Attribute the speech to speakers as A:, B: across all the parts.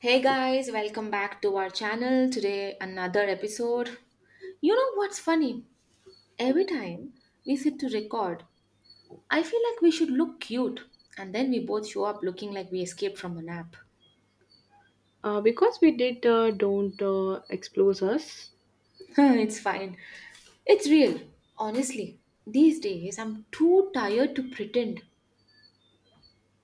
A: Hey guys, welcome back to our channel. Today, another episode. You know what's funny? Every time we sit to record, I feel like we should look cute, and then we both show up looking like we escaped from a nap.
B: Because we did, don't, expose us.
A: It's fine. It's real. Honestly, these days I'm too tired to pretend.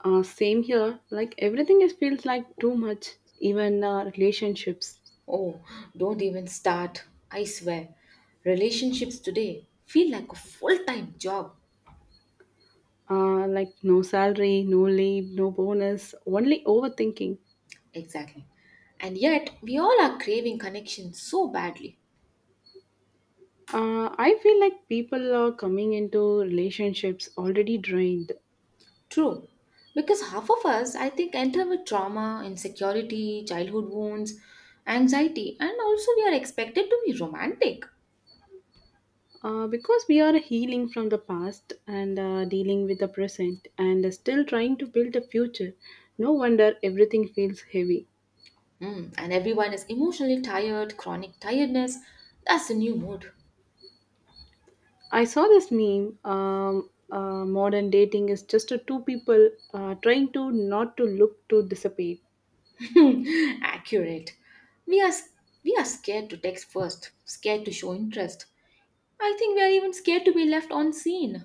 B: Same here. Like everything is feels like too much. Even relationships.
A: Oh, don't even start. I swear. Relationships today feel like a full time job.
B: Like no salary, no leave, no bonus. Only overthinking.
A: Exactly. And yet, we all are craving connection so badly.
B: I feel like people are coming into relationships already drained.
A: True, because half of us, I think, enter with trauma, insecurity, childhood wounds, anxiety, and also we are expected to be romantic.
B: Because we are healing from the past and dealing with the present and still trying to build a future. No wonder everything feels heavy.
A: Hmm, and everyone is emotionally tired, chronic tiredness. That's the new mood.
B: I saw this meme. Modern dating is just a two people trying to not to look to dissipate.
A: Accurate. We are we are scared to text first, scared to show interest. I think we are even scared to be left unseen.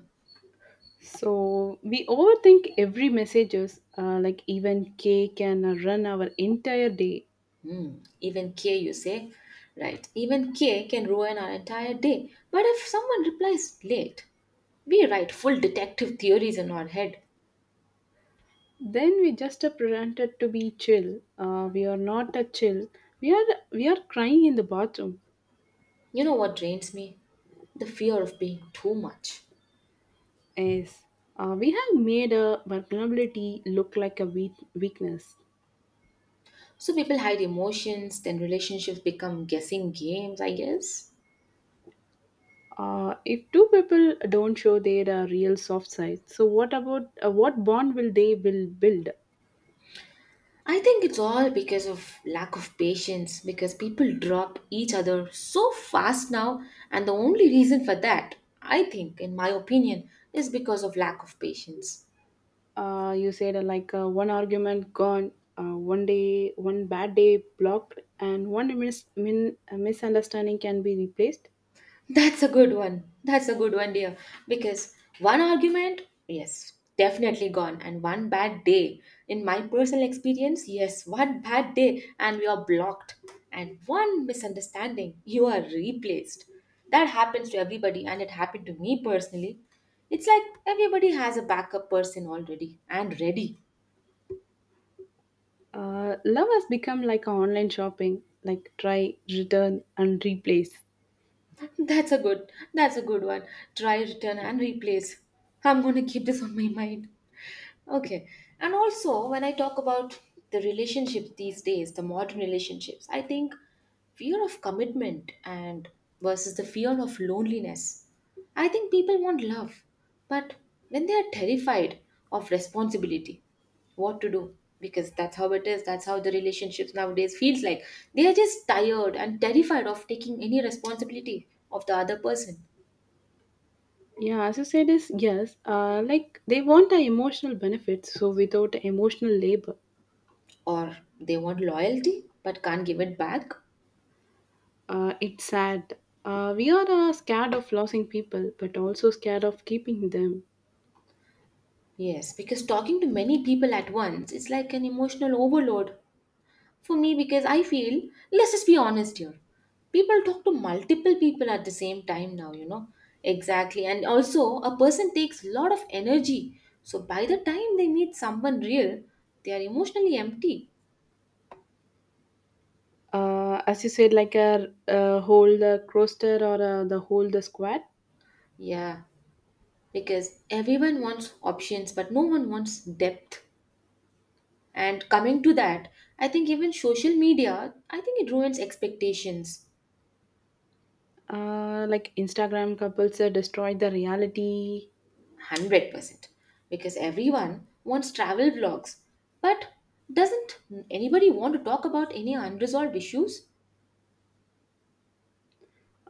B: So we overthink every messages, like even cake can run our entire day.
A: Hmm, even K, you say, right? Even K can ruin our entire day. But if someone replies late, we write full detective theories in our head.
B: Then we just are pretended to be chill. We are not a chill. We are we are crying in the bathroom.
A: You know what drains me? The fear of being too much.
B: Yes, we have made a vulnerability look like a weakness.
A: So people hide emotions, then relationships become guessing games, I guess.
B: If two people don't show their real soft side, so what about what bond will they will build?
A: I think it's all because of lack of patience, because people drop each other so fast now, and the only reason for that, I think, in my opinion, is because of lack of patience.
B: You said one argument gone, one day, one bad day blocked, and one misunderstanding can be replaced.
A: That's a good one. That's a good one, dear. Because one argument, yes, definitely gone. And one bad day, in my personal experience, yes, one bad day and we are blocked. And one misunderstanding, you are replaced. That happens to everybody, and it happened to me personally. It's like everybody has a backup person already and ready.
B: Love has become like a online shopping, like try, return, and replace.
A: That's a good. That's a good one. Try, return, and replace. I'm gonna keep this on my mind. Okay. And also, when I talk about the relationships these days, the modern relationships, I think fear of commitment and versus the fear of loneliness. I think people want love, but when they are terrified of responsibility, what to do? Because that's how it is. That's how the relationships nowadays feels like. They are just tired and terrified of taking any responsibility of the other person,
B: Yeah, as you said, is yes. Like they want the emotional benefits, so without emotional labor.
A: or they want loyalty but can't give it back.
B: It's sad. We are scared of losing people, but also scared of keeping them.
A: Yes, because talking to many people at once is like an emotional overload for me because I feel, let's just be honest here. People talk to multiple people at the same time now, you know. Exactly. And also, a person takes a lot of energy. So by the time they meet someone real, they are emotionally empty.
B: As you said, like a whole the roster or the whole the squad.
A: Yeah, because everyone wants options, but no one wants depth. And coming to that, I think even social media, I think it ruins expectations.
B: Like Instagram couples destroy the reality.
A: 100% because everyone wants travel vlogs but doesn't anybody want to talk about any unresolved issues.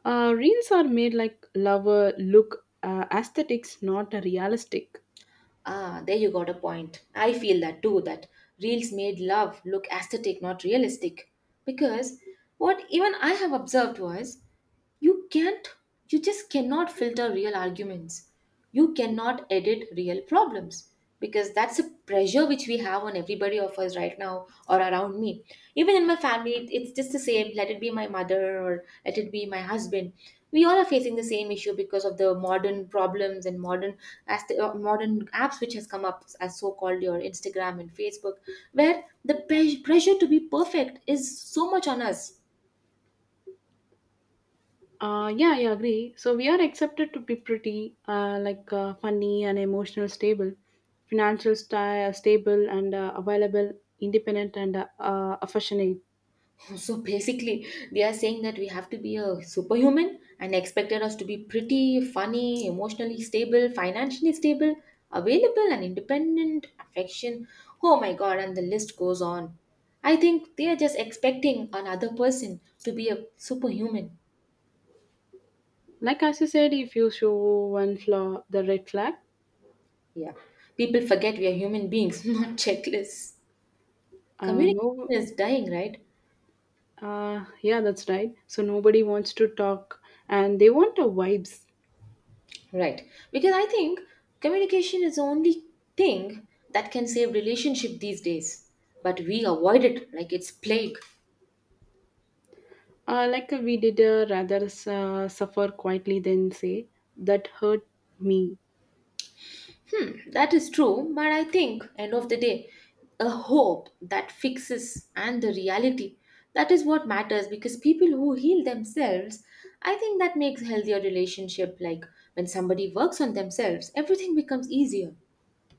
B: Reels are made like lover look aesthetics, not realistic.
A: Ah, there you got a point. I feel that too, that reels made love look aesthetic, not realistic. Because what even I have observed was, you can't, you just cannot filter real arguments. You cannot edit real problems because that's a pressure which we have on everybody of us right now or around me. Even in my family, it's just the same. Let it be my mother or let it be my husband. We all are facing the same issue because of the modern problems and modern as the, modern apps which has come up as so-called your Instagram and Facebook, where the pressure to be perfect is so much on us.
B: Yeah, I agree. So we are accepted to be pretty, funny and emotional stable, financial stable and available, independent and affectionate.
A: So basically, they are saying that we have to be a superhuman and expected us to be pretty, funny, emotionally stable, financially stable, available, and independent, affection. Oh my god, and the list goes on. I think they are just expecting another person to be a superhuman.
B: Like as you said, if you show one flaw, the red flag.
A: Yeah. People forget we are human beings, not checklists. Communication
B: No,
A: is dying, right?
B: Yeah, that's right. So nobody wants to talk, and they want the vibes.
A: Right. Because I think communication is the only thing that can save relationship these days. But we avoid it like it's plague.
B: We did rather suffer quietly than say that hurt me.
A: That is true, but I think end of the day, a hope that fixes and the reality. That is what matters because people who heal themselves, I think that makes healthier relationship, like when somebody works on themselves, everything becomes easier.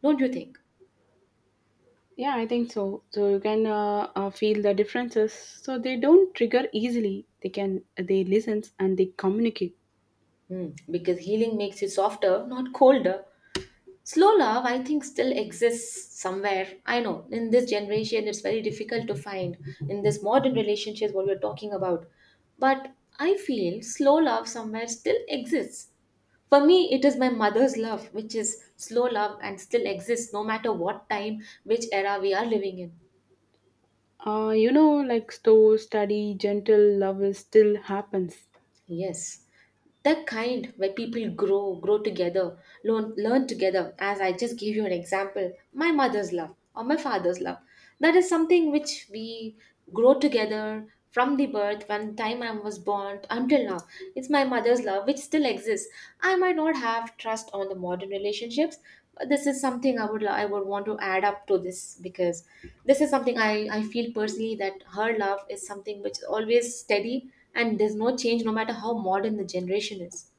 A: Don't you think?
B: Yeah, I think so. So you can feel the differences. So they don't trigger easily. They can they listen and they communicate.
A: Hmm. Because healing makes you softer, not colder. Slow love, I think, still exists somewhere. I know in this generation it's very difficult to find in this modern relationships what we're talking about. But I feel slow love somewhere still exists. For me, it is my mother's love, which is slow love and still exists no matter what time, which era we are living in.
B: You know, like slow, study, gentle love is still happens.
A: Yes. The kind where people grow together, learn together, as I just gave you an example, my mother's love or my father's love. That is something which we grow together from the birth when time I was born until now. It's my mother's love which still exists. I might not have trust on the modern relationships, but this is something I would I would want to add up to this, because this is something I feel personally, that her love is something which is always steady and there's no change no matter how modern the generation is.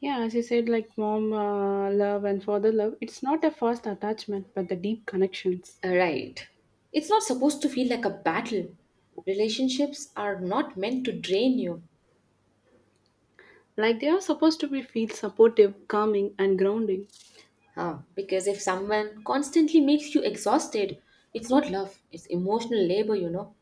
B: Yeah, as you said, like mom love and father love. It's not a fast attachment, but the deep connections.
A: Right. It's not supposed to feel like a battle. Relationships are not meant to drain you.
B: Like they are supposed to be feel supportive, calming, and grounding.
A: Huh. Because if someone constantly makes you exhausted, it's not love, it's emotional labor, you know.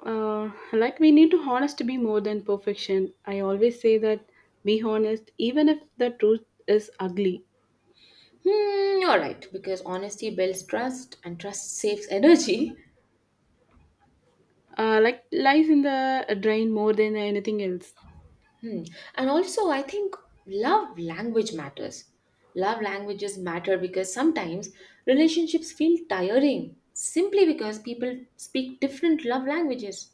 B: Like we need to honest to be more than perfection. I always say that be honest, even if the truth is ugly.
A: Hmm, you're right, because honesty builds trust and trust saves energy.
B: Uh, like lies in the drain more than anything else.
A: Hmm. And also, I think love language matters. Love languages matter because sometimes relationships feel tiring simply because people speak different love languages.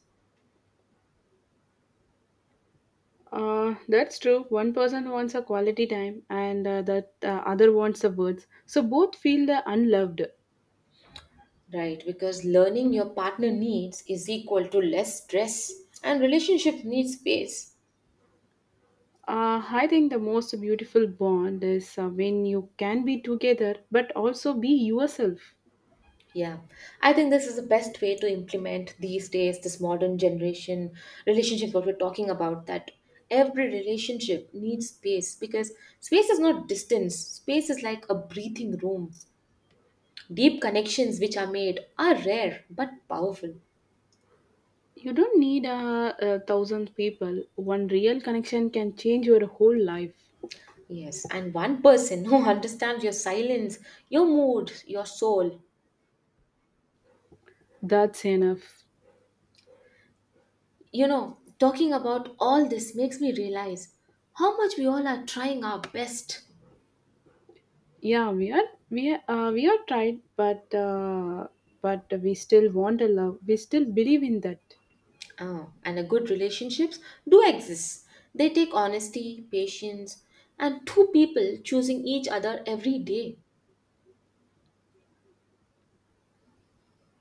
B: That's true. One person wants a quality time, and that other wants the words. So both feel the unloved.
A: Right, because learning your partner needs is equal to less stress, and relationship needs space.
B: I think the most beautiful bond is when you can be together, but also be yourself.
A: Yeah, I think this is the best way to implement these days, this modern generation relationship, what we're talking about, that every relationship needs space because space is not distance. Space is like a breathing room. Deep connections which are made are rare but powerful.
B: You don't need a, a 1,000 people. One real connection can change your whole life.
A: Yes, and one person who understands your silence, your mood, your soul.
B: That's enough.
A: You know, talking about all this makes me realize how much we all are trying our best.
B: Yeah, we are tried, but we still want a love. We still believe in that.
A: Oh, and a good relationships do exist. They take honesty, patience, and two people choosing each other every day,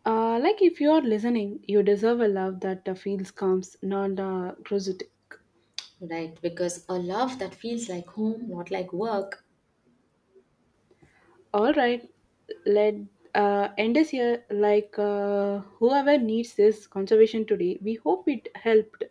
B: Like if you are listening, you deserve a love that feels comes not prosaic.
A: right? Because a love that feels like home, not like work.
B: All right, let end us here. Like whoever needs this conservation today, we hope it helped.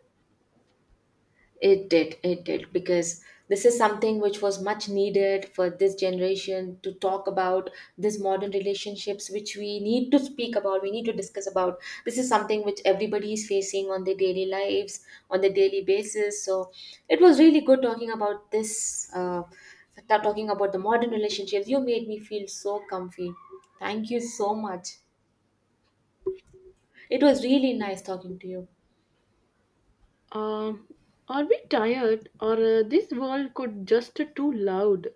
A: It did, because this is something which was much needed for this generation to talk about these modern relationships, which we need to speak about, we need to discuss about. This is something which everybody is facing on their daily lives, on their daily basis. So it was really good talking about this, talking about the modern relationships. You made me feel so comfy. Thank you so much. It was really nice talking to you.
B: Um, are we tired, or this world could just too loud?